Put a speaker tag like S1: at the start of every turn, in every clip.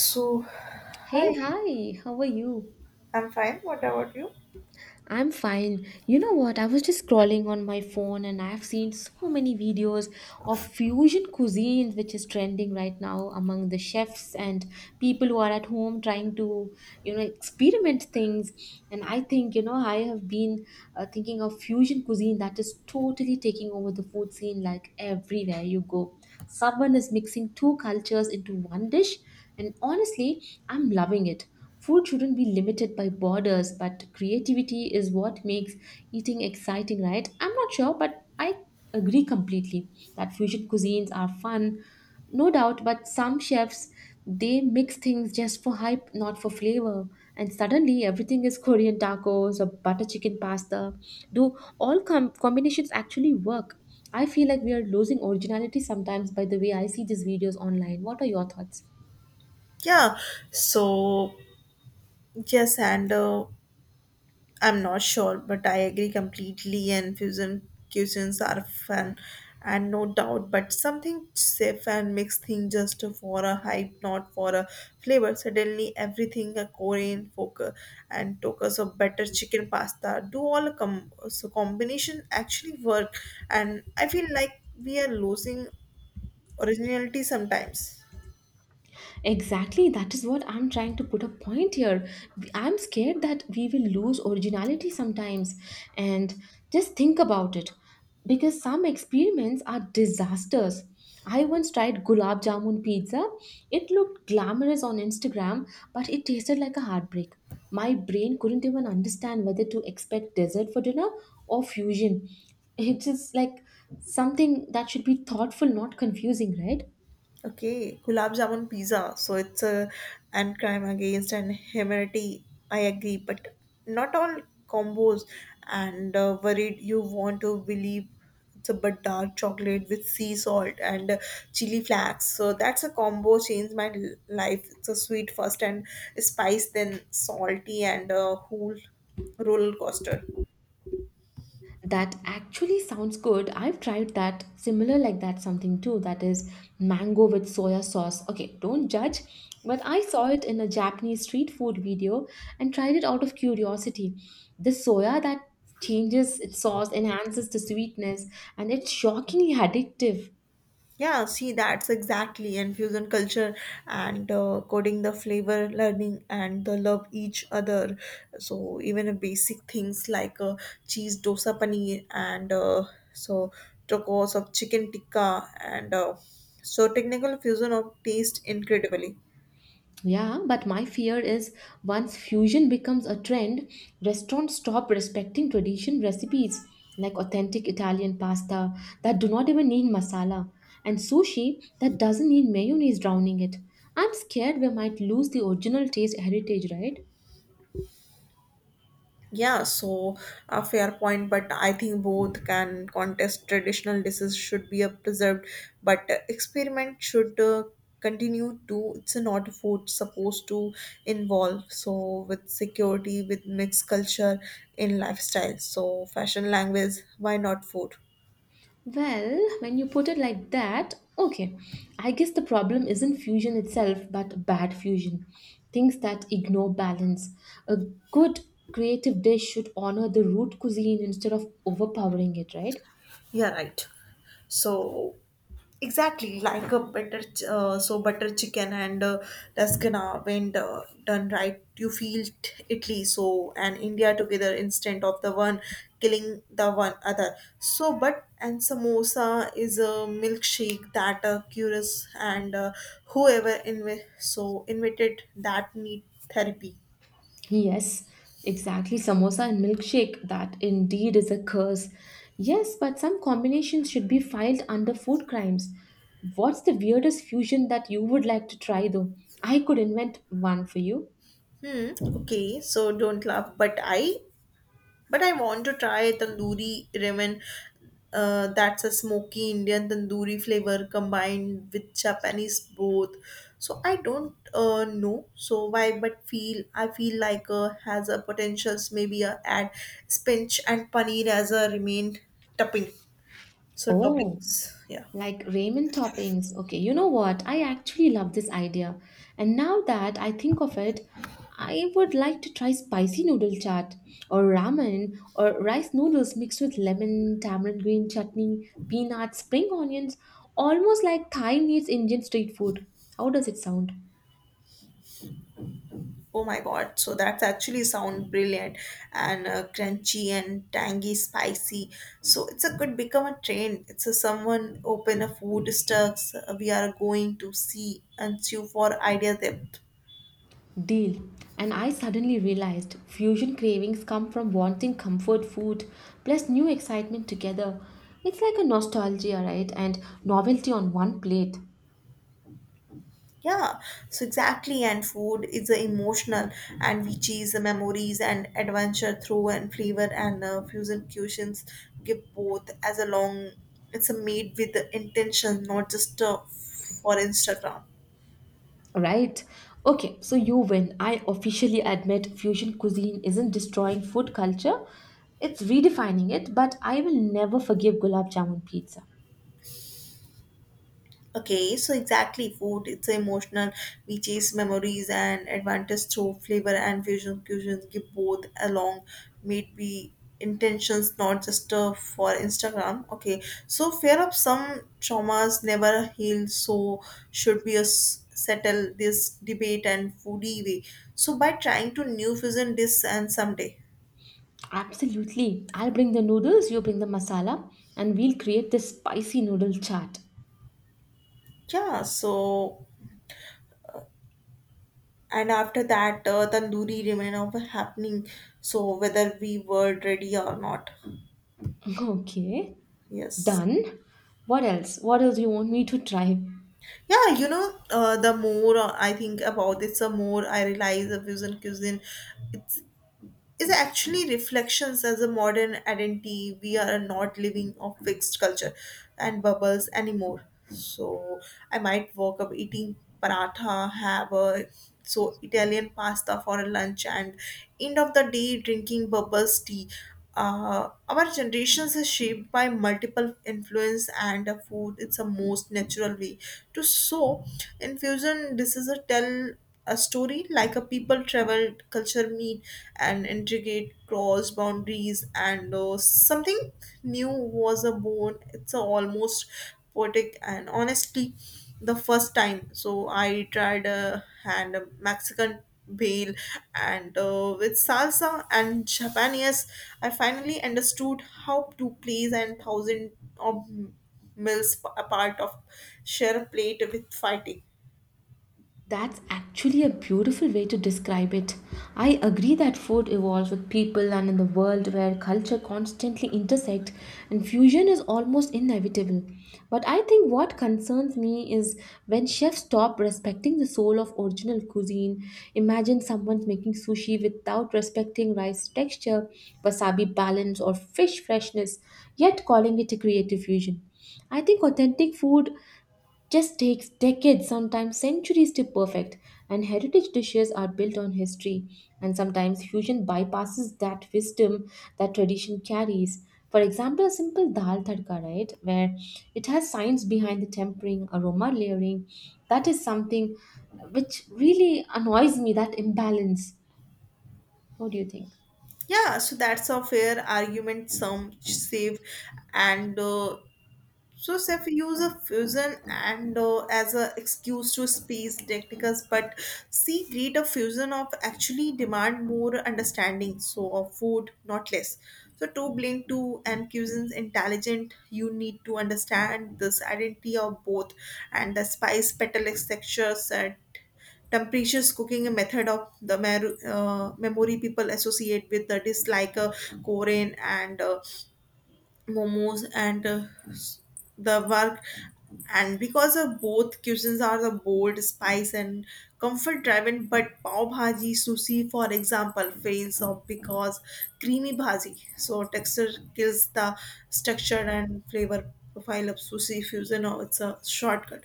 S1: So,
S2: Hey,
S1: hi,
S2: hi, how are you?
S1: I'm fine. What about you?
S2: I'm fine. You know what? I was just scrolling on my phone and I've seen so many videos of fusion cuisines which is trending right now among the chefs and people who are at home trying to, you know, experiment things. And I think, you know, I have been thinking of fusion cuisine that is totally taking over the food scene like everywhere you go. Someone is mixing two cultures into one dish and honestly, I'm loving it. Food shouldn't be limited by borders, but creativity is what makes eating exciting, right? I'm not sure, but I agree completely that fusion cuisines are fun, no doubt, but some chefs they mix things just for hype, not for flavor. And suddenly everything is Korean tacos or butter chicken pasta. Do all combinations actually work? I feel like we are losing originality sometimes by the way I see these videos online. What are your thoughts?
S1: Yeah, so yes, and I'm not sure, but I agree completely. And fusion cuisines are fun, and no doubt, but something safe and mixed thing just for a hype, not for a flavor. Suddenly, everything a Korean focus and focus of better chicken pasta do all a so combination actually work, and I feel like we are losing originality sometimes.
S2: Exactly, that is what I'm trying to put a point here. I'm scared that we will lose originality sometimes. And just think about it because some experiments are disasters. I once tried gulab jamun pizza. It looked glamorous on Instagram, but it tasted like a heartbreak. My brain couldn't even understand whether to expect dessert for dinner or fusion. It's just like something that should be thoughtful, not confusing, right?
S1: Okay, gulab jamun pizza. So it's a and crime against and humanity. I agree, but not all combos. And worried you want to believe it's a but dark chocolate with sea salt and chili flakes. So that's a combo changed my life. It's a sweet first and spice, then salty and whole roller coaster.
S2: That actually sounds good. I've tried that similar like that something too. That is mango with soya sauce. Okay, don't judge, but I saw it in a Japanese street food video and tried it out of curiosity. The soya that changes its sauce enhances the sweetness and it's shockingly addictive.
S1: Yeah, see, that's exactly infusion culture and coding the flavor, learning and the love each other. So even a basic things like cheese dosa paneer and so tacos of chicken tikka and so technical fusion of taste incredibly.
S2: Yeah, but my fear is once fusion becomes a trend, restaurants stop respecting tradition recipes like authentic Italian pasta that do not even need masala and sushi that doesn't need mayonnaise drowning it. I'm scared we might lose the original taste heritage, right?
S1: Yeah, so a fair point, but I think both can contest. Traditional dishes should be preserved, but experiment should continue to. It's not food supposed to involve. So with security, with mixed culture in lifestyle, so fashion, language, why not food?
S2: Well, when you put it like that, okay. I guess the problem isn't fusion itself, but bad fusion. Things that ignore balance. A good creative dish should honor the root cuisine instead of overpowering it, right?
S1: Yeah, right. So exactly, like a butter, so butter chicken and lasagna when done right, you feel Italy so and India together instead of the one killing the one other. So, but and samosa is a milkshake that cures and whoever so invented that need therapy.
S2: Yes, exactly. Samosa and milkshake, that indeed is a curse. Yes, but some combinations should be filed under food crimes. What's the weirdest fusion that you would like to try, though? I could invent one for you.
S1: Hmm. Okay, so don't laugh, but I want to try tandoori ramen. That's a smoky Indian tandoori flavor combined with Japanese both. So I don't know so why, but feel I feel like has a potentials maybe add spinach and paneer as a remain topping. So
S2: Oh.
S1: toppings, yeah.
S2: Like ramen toppings. Okay, you know what? I actually love this idea. And now that I think of it, I would like to try spicy noodle chaat or ramen or rice noodles mixed with lemon, tamarind green chutney, peanuts, spring onions, almost like Thai meets Indian street food. How does it sound?
S1: Oh my god, so that's actually sound brilliant and crunchy and tangy, spicy. So it's a good become a trend. It's a someone open a food stocks. We are going to see and sue for idea depth.
S2: Deal. And I suddenly realized fusion cravings come from wanting comfort food plus new excitement together. It's like a nostalgia, right? And novelty on one plate,
S1: Yeah, so exactly. And food is emotional and we chase the memories and adventure through and flavor and fusion cuisines give both as a long, it's a made with the intention, not just for Instagram.
S2: right? Okay, so you win. I officially admit fusion cuisine isn't destroying food culture, it's redefining it, but I will never forgive gulab jamun pizza.
S1: Okay, so exactly food. It's emotional. We chase memories and advantage through flavor and fusion cuisines. Give both along. May be intentions, not just for Instagram. Okay, so fear of some traumas never heal. So should be a settle this debate and foodie way. So by trying to new fusion this and someday.
S2: Absolutely. I'll bring the noodles, you bring the masala, and we'll create this spicy noodle chaat.
S1: Yeah, so and after that, tandoori remain of happening. So whether we were ready or not.
S2: Okay.
S1: Yes.
S2: Done? What else? What else you want me to try?
S1: Yeah, you know, the more I think about it, the more I realize the fusion cuisine, it's is actually reflections as a modern identity we are not living of fixed culture and bubbles anymore, so I might walk up eating paratha have a so Italian pasta for lunch and end of the day drinking bubbles tea. Our generations is shaped by multiple influence and food it's a most natural way to so infusion this is a tell a story like a people travel culture meet and integrate cross boundaries and something new was a born, it's a almost poetic and honestly the first time so I tried a hand a Mexican bale and with salsa and Japanese, I finally understood how to place and thousand of meals a part of share a plate with fighting.
S2: That's actually a beautiful way to describe it. I agree that food evolves with people and in the world where culture constantly intersect and fusion is almost inevitable. But I think what concerns me is when chefs stop respecting the soul of original cuisine. Imagine someone making sushi without respecting rice texture, wasabi balance or fish freshness, yet calling it a creative fusion. I think authentic food just takes decades, sometimes centuries to perfect, and heritage dishes are built on history, and sometimes fusion bypasses that wisdom that tradition carries. For example, a simple dal tadka, right, where it has science behind the tempering, aroma layering, that is something which really annoys me, that imbalance. What do you think?
S1: Yeah, so that's a fair argument. Some save and so, Seth, use a fusion and as a excuse to space technicals, but see, greater fusion of actually demand more understanding, so of food, not less. So, to blink to and cuisines intelligent, you need to understand this identity of both and the spice, petals, textures, and temperatures cooking a method of the memory people associate with the dish like a Korean and momos and s- the work and because of both cuisines are the bold spice and comfort driven, but pav bhaji sushi for example fails off because creamy bhaji so texture kills the structure and flavor profile of sushi fusion or it's a shortcut,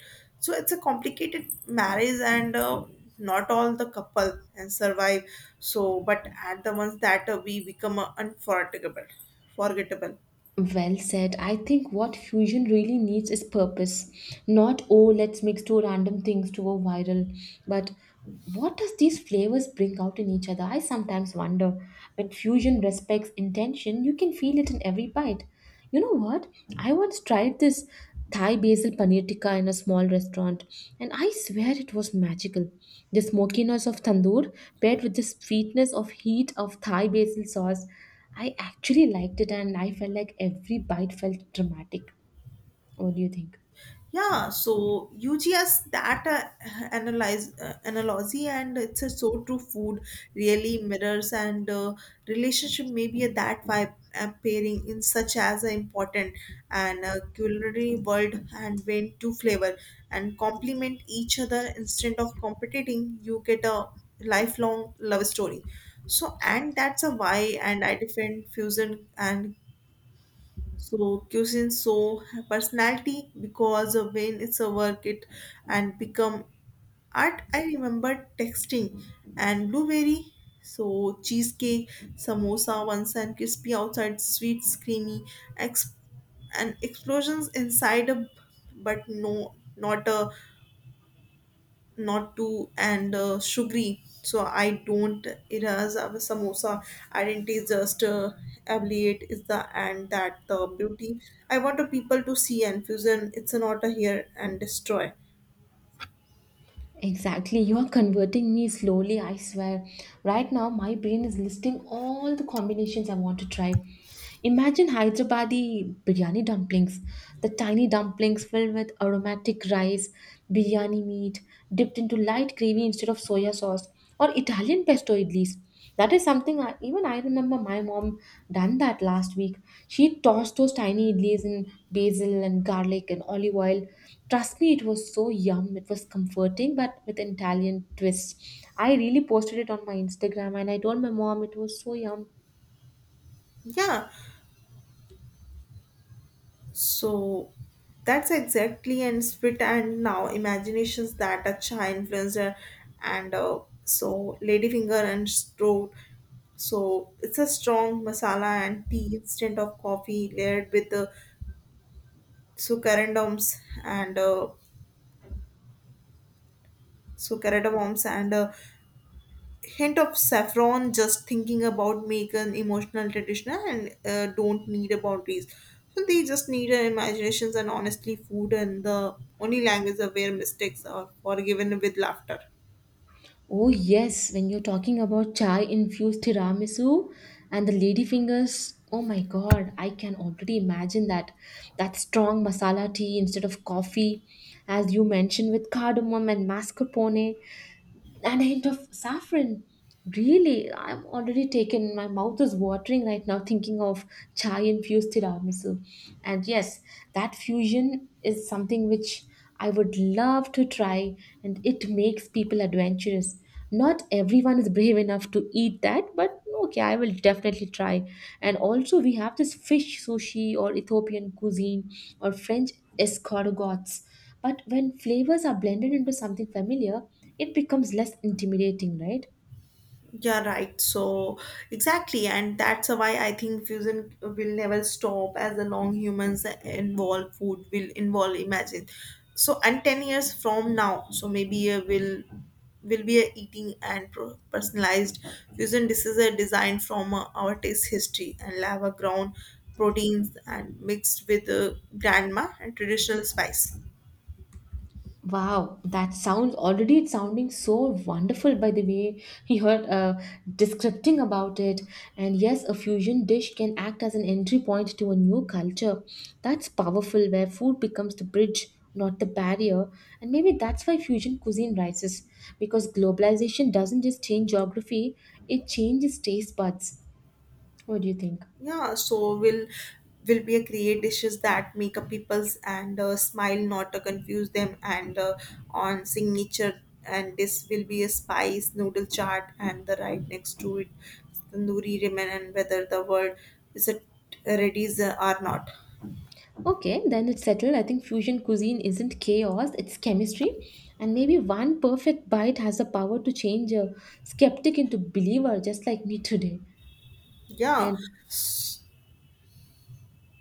S1: so it's a complicated marriage and not all the couple and survive, so but at the ones that we become unforgettable forgettable.
S2: Well said. I think what fusion really needs is purpose. Not, oh, let's mix two random things to go viral. But what does these flavors bring out in each other? I sometimes wonder. When fusion respects intention, you can feel it in every bite. You know what? I once tried this Thai basil paneer tikka in a small restaurant, and I swear it was magical. The smokiness of tandoor paired with the sweetness of heat of Thai basil sauce, I actually liked it, and I felt like every bite felt dramatic. What do you think?
S1: Yeah, so UGS that analyze analogy and it's a so true. Food really mirrors and relationship maybe a that vibe pairing in such as a important and culinary world and when two flavor and complement each other instead of competing. You get a lifelong love story. So and that's a why and I defend fusion and so cuisine so personality because of when it's a work it and become art. I remember texting and blueberry. So cheesecake, samosa once and crispy outside, sweet, creamy, ex- and explosions inside a, but no not a not too and sugary so I don't, it has a samosa identity is just ablate is the and that the beauty. I want the people to see and fusion it's not a here and destroy.
S2: Exactly, you are converting me slowly, I swear. Right now, my brain is listing all the combinations I want to try. Imagine Hyderabadi biryani dumplings, the tiny dumplings filled with aromatic rice, biryani meat, dipped into light gravy instead of soya sauce, or Italian pesto idlis. That is something I, even I remember my mom done that last week. She tossed those tiny idlis in basil and garlic and olive oil. Trust me, it was so yum. It was comforting, but with Italian twist. I really posted it on my Instagram and I told my mom it was so yum.
S1: Yeah, so that's exactly and split, and now imaginations that a chai influencer and so ladyfinger and stroke, so it's a strong masala and tea instead of coffee layered with the succarindoms and succarindoms and a hint of saffron, just thinking about make an emotional traditional and don't need a boundaries, so they just need imaginations and honestly food and the only language of where mistakes are forgiven with laughter.
S2: Oh, yes, when you're talking about chai infused tiramisu and the lady fingers, oh my god, I can already imagine that that strong masala tea instead of coffee, as you mentioned with cardamom and mascarpone and a hint of saffron. Really, I'm already taken. My mouth is watering right now thinking of chai infused tiramisu. And yes, that fusion is something which I would love to try, and it makes people adventurous. Not everyone is brave enough to eat that, but okay, I will definitely try. And also, we have this fish sushi or Ethiopian cuisine or French escargots. But when flavors are blended into something familiar, it becomes less intimidating, right?
S1: Yeah, right. So, exactly. And that's why I think fusion will never stop as the long humans involve food will involve imagine. So, and 10 years from now, so maybe will be a eating and personalized fusion dishes are designed from our taste history and lava ground proteins and mixed with grandma and traditional spice.
S2: Wow, that sounds already it's sounding so wonderful by the way you heard descripting about it. And yes, a fusion dish can act as an entry point to a new culture. That's powerful, where food becomes the bridge, not the barrier. And maybe that's why fusion cuisine rises, because globalization doesn't just change geography, it changes taste buds. What do you think?
S1: Yeah, so will be a create dishes that make up people's and smile, not to confuse them. And on signature, and this will be a spice noodle chart, and the right next to it, tandoori ramen, and whether the word is it ready is, or not.
S2: Okay, then it's settled. I think fusion cuisine isn't chaos, it's chemistry. And maybe one perfect bite has the power to change a skeptic into believer, just like me today.
S1: Yeah,
S2: And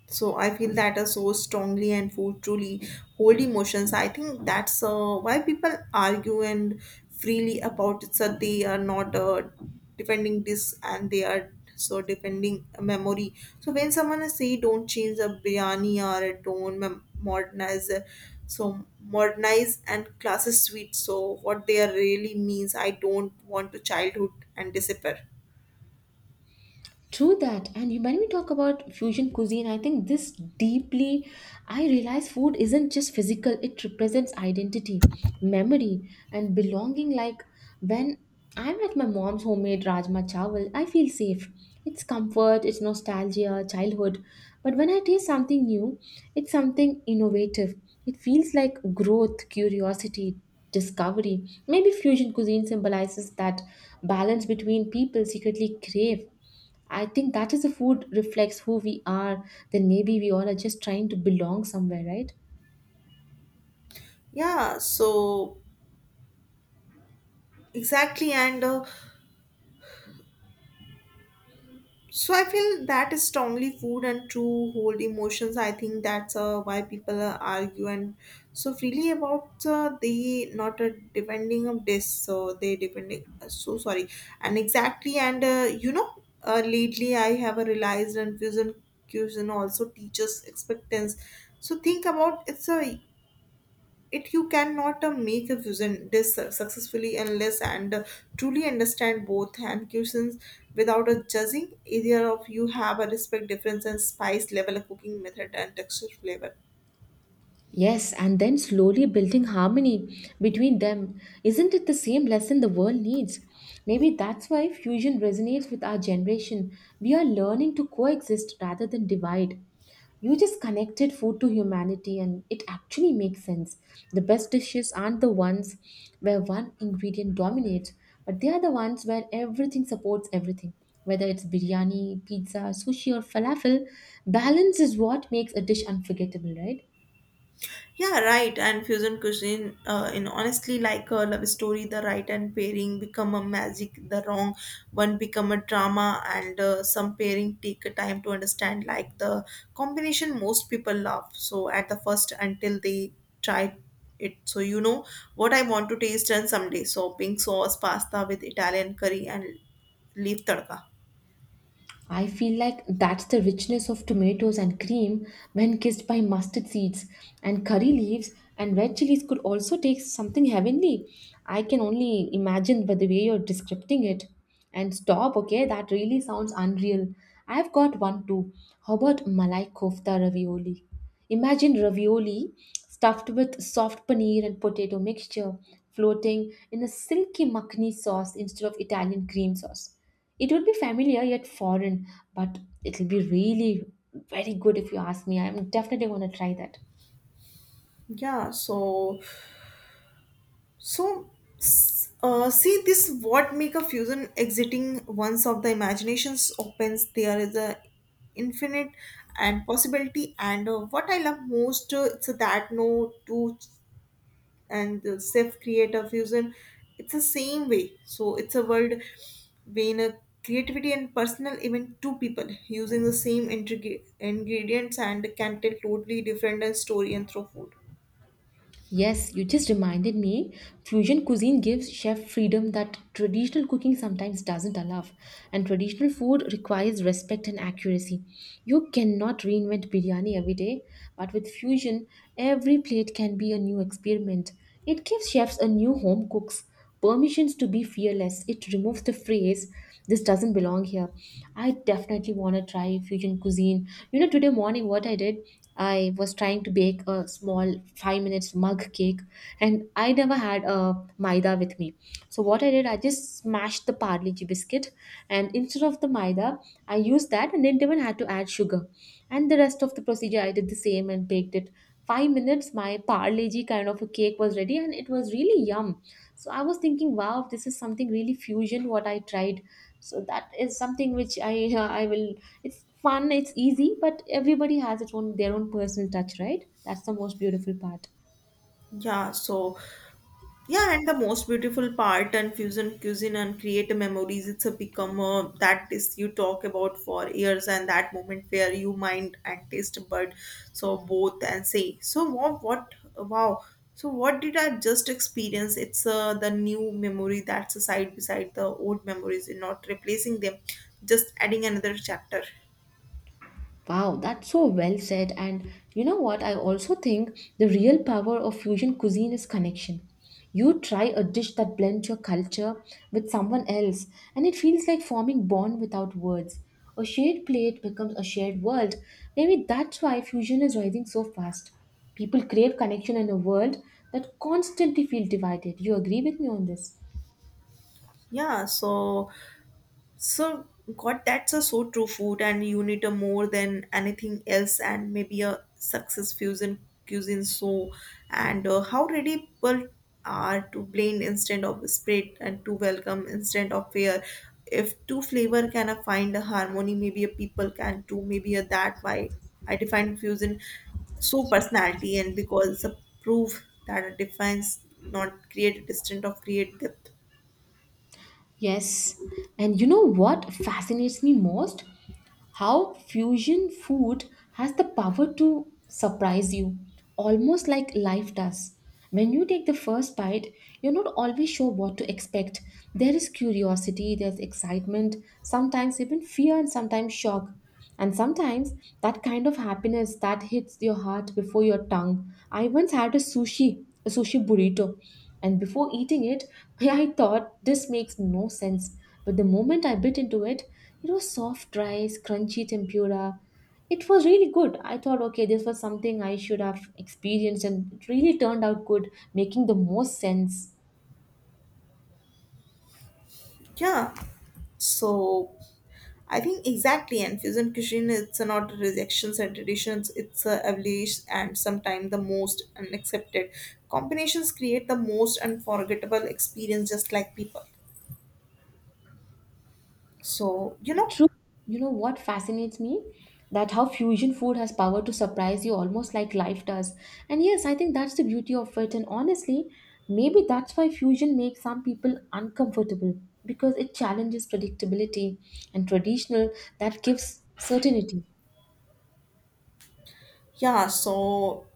S1: so I feel that so strongly and food truly hold emotions. I think that's why people argue and freely about it. So they are not defending this and they are so defending a memory. So when someone is say don't change a biryani or don't modernize, modernize and classes sweet. So what they are really means I don't want to childhood and disappear.
S2: true that. And you- when we talk about fusion cuisine, I think this deeply, I realize food isn't just physical, it represents identity, memory, and belonging. Like when I'm at my mom's homemade Rajma Chawal, I feel safe. It's comfort, it's nostalgia, childhood. But when I taste something new, it's something innovative. It feels like growth, curiosity, discovery. Maybe fusion cuisine symbolizes that balance between people secretly crave, I think that is the food reflects who we are. Then maybe we all are just trying to belong somewhere, right?
S1: Yeah, so exactly and. So I feel that is strongly food and true hold emotions. I think that's why people argue and so freely about they not depending of this. So they depending. So sorry. And exactly. And you know, lately I have a realized and fusion also teaches expectance. So think about it's a it you cannot make a fusion this successfully unless and truly understand both and cuisines without a judging either of you have a respect difference and spice level of cooking method and texture flavor.
S2: Yes, and then slowly building harmony between them. Isn't it the same lesson the world needs? Maybe that's why fusion resonates with our generation. We are learning to coexist rather than divide. You just connected food to humanity, and it actually makes sense. The best dishes aren't the ones where one ingredient dominates, but they are the ones where everything supports everything. Whether it's biryani, pizza, sushi, or falafel, balance is what makes a dish unforgettable, right?
S1: Yeah, right. And fusion cuisine, in honestly, like a love story, the right and pairing become a magic, the wrong one become a drama, and some pairing take a time to understand. Like the combination, most people love. So at the first, until they try it, so you know what I want to taste and someday. So pink sauce pasta with Italian curry and leaf tadka.
S2: I feel like that's the richness of tomatoes and cream when kissed by mustard seeds and curry leaves and red chilies could also take something heavenly. I can only imagine by the way you're describing it. And stop, okay? That really sounds unreal. I've got one too. How about Malai kofta ravioli? Imagine ravioli stuffed with soft paneer and potato mixture floating in a silky makhni sauce instead of Italian cream sauce. It would be familiar yet foreign, but it'll be really very good if you ask me. I'm definitely going to try that.
S1: Yeah, so so, see this what make a fusion exiting once of the imaginations opens there is a infinite and possibility and what I love most it's that no two ch- and self create a fusion it's the same way so it's a world when a creativity and personal even two people using the same ingredients and can tell totally different story and through food.
S2: Yes, you just reminded me. Fusion cuisine gives chef freedom that traditional cooking sometimes doesn't allow, and traditional food requires respect and accuracy. You cannot reinvent biryani every day, but with fusion, every plate can be a new experiment. It gives chefs a new home cooks permissions to be fearless. It removes the phrase this doesn't belong here. I definitely want to try fusion cuisine. You know, today morning what I did, I was trying to bake a small 5 minutes mug cake and I never had a maida with me. So what I did, I just smashed the Parle G biscuit and instead of the maida, I used that and didn't even had to add sugar. And the rest of the procedure, I did the same and baked it. 5 minutes, my Parle G kind of a cake was ready and it was really yum. So I was thinking, wow, this is something really fusion what I tried. So that is something which I I will it's fun, it's easy, but everybody has its own their own personal touch, right? That's the most beautiful part.
S1: Yeah, so yeah, and the most beautiful part and fusion cuisine and create memories. It's a become a, that is you talk about for years and that moment where you mind and taste bud so both and say so what wow, so what did I just experience? It's the new memory that's aside beside the old memories, and not replacing them, just adding another chapter.
S2: Wow, that's so well said. And you know what? I also think the real power of fusion cuisine is connection. You try a dish that blends your culture with someone else, and it feels like forming bond without words. A shared plate becomes a shared world. Maybe that's why fusion is rising so fast. People crave connection in a world that constantly feels divided. You agree with me on this?
S1: Yeah, so so, god, that's a so true food, and you need a more than anything else, and maybe a success fusion cuisine. So, and how ready people are to blend instead of spread and to welcome instead of fear. If two flavor can find a harmony, maybe a people can too. Maybe a that why I define fusion so personality, and because it's a proof that a defines not create a distance of create depth.
S2: Yes. And you know what fascinates me most? How fusion food has the power to surprise you, almost like life does. When you take the first bite, you're not always sure what to expect. There is curiosity, there's excitement, sometimes even fear, and sometimes shock. And sometimes that kind of happiness that hits your heart before your tongue. I once had a sushi burrito, and before eating it, I thought this makes no sense. But the moment I bit into it, it was soft rice, crunchy tempura. It was really good. I thought, okay, this was something I should have experienced, and it really turned out good, making the most sense.
S1: Yeah. So I think exactly, and fusion cuisine it's not rejections and traditions; it's a evolution and sometimes the most unaccepted combinations create the most unforgettable experience, just like people. So you know.
S2: True. You know what fascinates me? That how fusion food has power to surprise you almost like life does. And yes, I think that's the beauty of it. And honestly, maybe that's why fusion makes some people uncomfortable because it challenges predictability and traditional that gives certainty.
S1: Yeah, so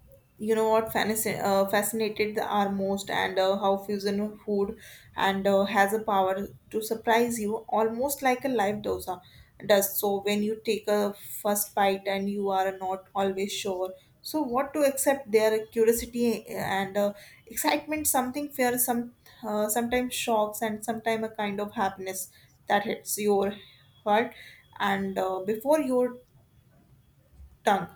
S1: fascinated the are most, and how fusion of food and has a power to surprise you almost like a live dosa does. So when you take a first bite and you are not always sure, so what to accept their curiosity and excitement, something fear, sometimes shocks, and sometimes a kind of happiness that hits your heart and before your tongue.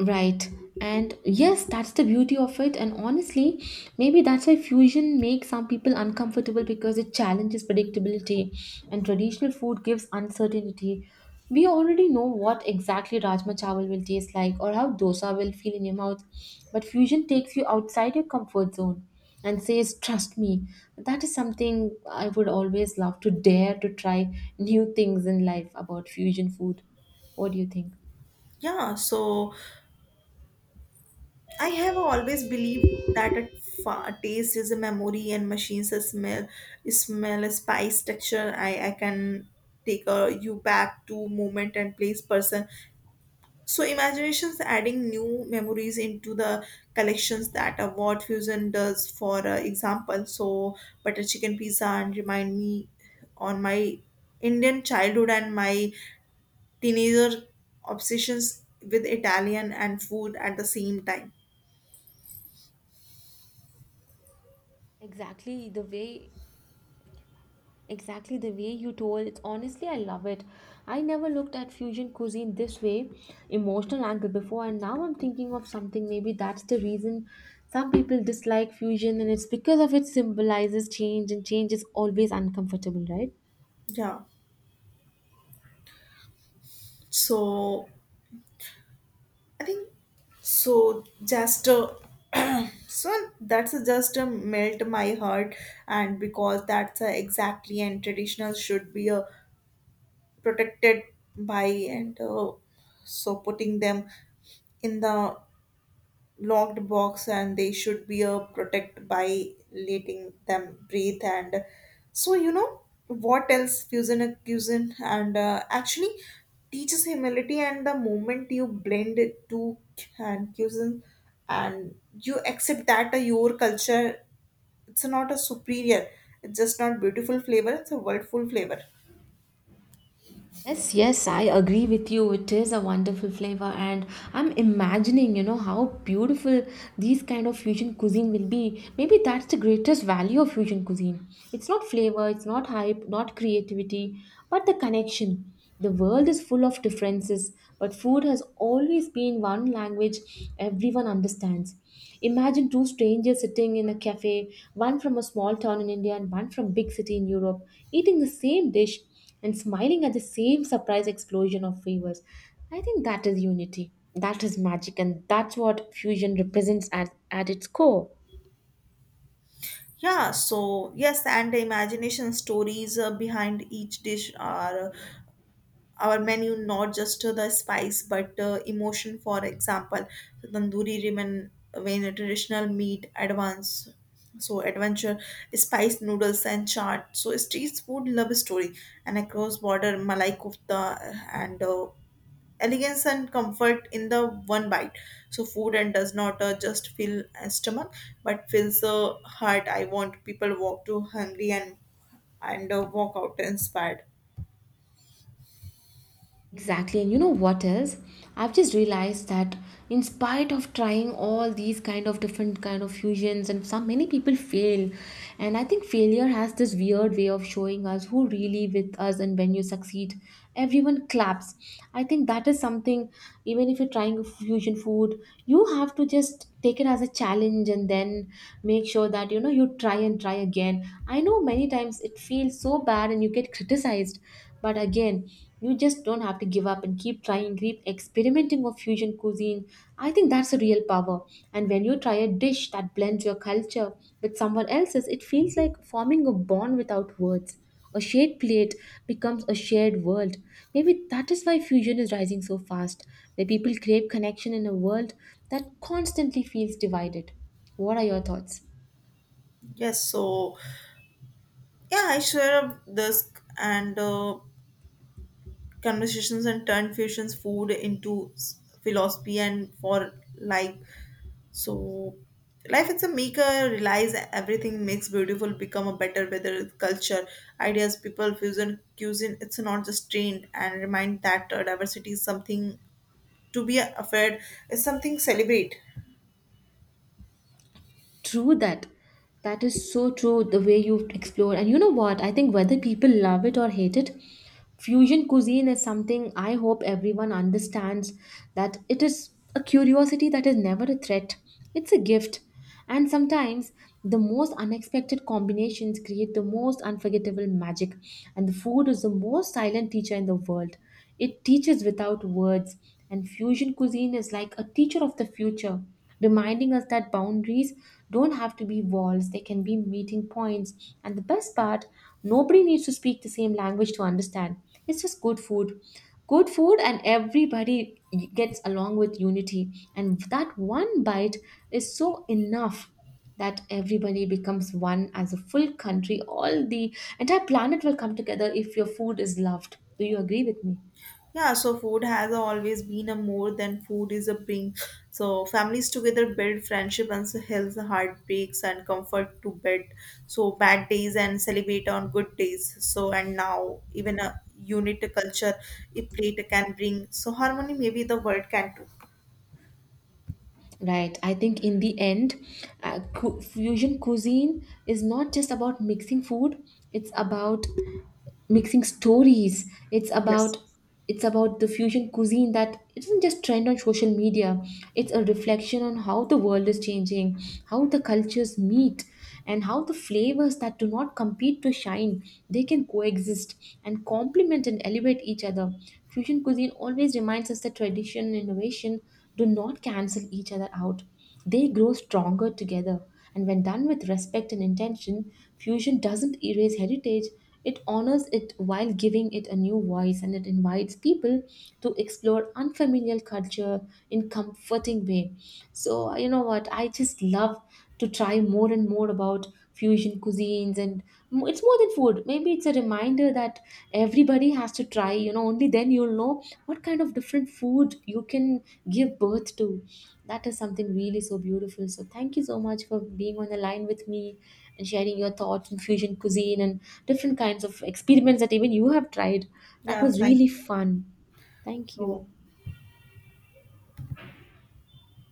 S2: Right. And yes, that's the beauty of it. And honestly, maybe that's why fusion makes some people uncomfortable because it challenges predictability and traditional food gives uncertainty. We already know what exactly Rajma Chawal will taste like or how dosa will feel in your mouth. But fusion takes you outside your comfort zone and says, trust me. That is something I would always love to dare to try new things in life about fusion food. What do you think?
S1: Yeah, so I have always believed that a, a taste is a memory and machines a smell, a smell a spice texture. I can take you back to moment and place person. So imaginations adding new memories into the collections that a word fusion does. For example, so butter chicken pizza and remind me on my Indian childhood and my teenager obsessions with Italian and food at the same time.
S2: Exactly the way Exactly the way you told it. Honestly, I love it. I never looked at fusion cuisine this way, emotional angle before, and now I'm thinking of something. Maybe that's the reason some people dislike fusion, and it's because of it symbolizes change, and change is always uncomfortable, right?
S1: Yeah. So I think so. Just so that's a just a melt my heart, and because that's a exactly and traditional should be protected by and so putting them in the locked box and they should be protected by letting them breathe and so you know what else fusion and actually teaches humility and the moment you blend it to and fusion and you accept that your culture it's not a superior, it's just not beautiful flavor, it's a worldful flavor.
S2: Yes, yes, I agree with you. It is a wonderful flavor, and I'm imagining, you know, how beautiful these kind of fusion cuisine will be. Maybe that's the greatest value of fusion cuisine. It's not flavor, it's not hype, not creativity, but the connection. The world is full of differences, but food has always been one language everyone understands. Imagine two strangers sitting in a cafe, one from a small town in India and one from big city in Europe, eating the same dish and smiling at the same surprise explosion of favors. I think that is unity. That is magic, and that's what fusion represents at its core.
S1: Yeah, so yes, and the imagination stories behind each dish are our menu not just to the spice but emotion. For example, the tandoori ramen, when a traditional meat advance, so adventure spice noodles and chaat, so street food love story, and across border malai kofta and elegance and comfort in the one bite. So food and does not just fill a stomach but fills the heart. I want people walk to hungry and walk out inspired.
S2: Exactly, and you know what else? I've just realized that in spite of trying all these kind of different kind of fusions and some many people fail. And I think failure has this weird way of showing us who really with us, and when you succeed, everyone claps. I think that is something, even if you're trying a fusion food, you have to just take it as a challenge and then make sure that you know you try and try again. I know many times it feels so bad and you get criticized, but again you just don't have to give up and keep trying, keep experimenting with fusion cuisine. I think that's a real power. And when you try a dish that blends your culture with someone else's, it feels like forming a bond without words. A shared plate becomes a shared world. Maybe that is why fusion is rising so fast, where people crave connection in a world that constantly feels divided. What are your thoughts?
S1: Yes, so yeah, I share a desk and conversations and turn fusions food into philosophy and for life. So life it's a maker realize everything makes beautiful become a better, whether it's culture, ideas, people. Fusion cuisine it's not just trained and remind that diversity is something to be afraid, is something celebrate.
S2: True that. That is so true the way you explore. And you know what? I think whether people love it or hate it, fusion cuisine is something I hope everyone understands that it is a curiosity, that is never a threat. It's a gift. And sometimes the most unexpected combinations create the most unforgettable magic. And the food is the most silent teacher in the world. It teaches without words, and fusion cuisine is like a teacher of the future, reminding us that boundaries don't have to be walls, they can be meeting points. And the best part, nobody needs to speak the same language to understand. It's just good food. Good food, and everybody gets along with unity. And that one bite is so enough that everybody becomes one. As a full country, all the entire planet will come together if your food is loved. Do you agree with me?
S1: Yeah, so food has always been a more than food is a bring. So families together build friendship, and so health, heartbreaks and comfort to bed. So bad days and celebrate on good days. So and now even a unit culture, a plate can bring. So harmony maybe the world can do.
S2: Right. I think in the end, fusion cuisine is not just about mixing food, it's about mixing stories.
S1: Yes.
S2: It's about the fusion cuisine, that it isn't just trend on social media. It's a reflection on how the world is changing, how the cultures meet, and how the flavors that do not compete to shine, they can coexist and complement and elevate each other. Fusion cuisine always reminds us that tradition and innovation do not cancel each other out. They grow stronger together, and when done with respect and intention, fusion doesn't erase heritage, it honors it while giving it a new voice, and it invites people to explore unfamiliar culture in comforting way. So, you know what? I just love to try more and more about fusion cuisines, and it's more than food. Maybe it's a reminder that everybody has to try, you know, only then you'll know what kind of different food you can give birth to. That is something really so beautiful. So thank you so much for being on the line with me and sharing your thoughts on fusion cuisine and different kinds of experiments that even you have tried. That
S1: Yeah.
S2: was
S1: Thank
S2: really
S1: you.
S2: fun. Thank you.
S1: So.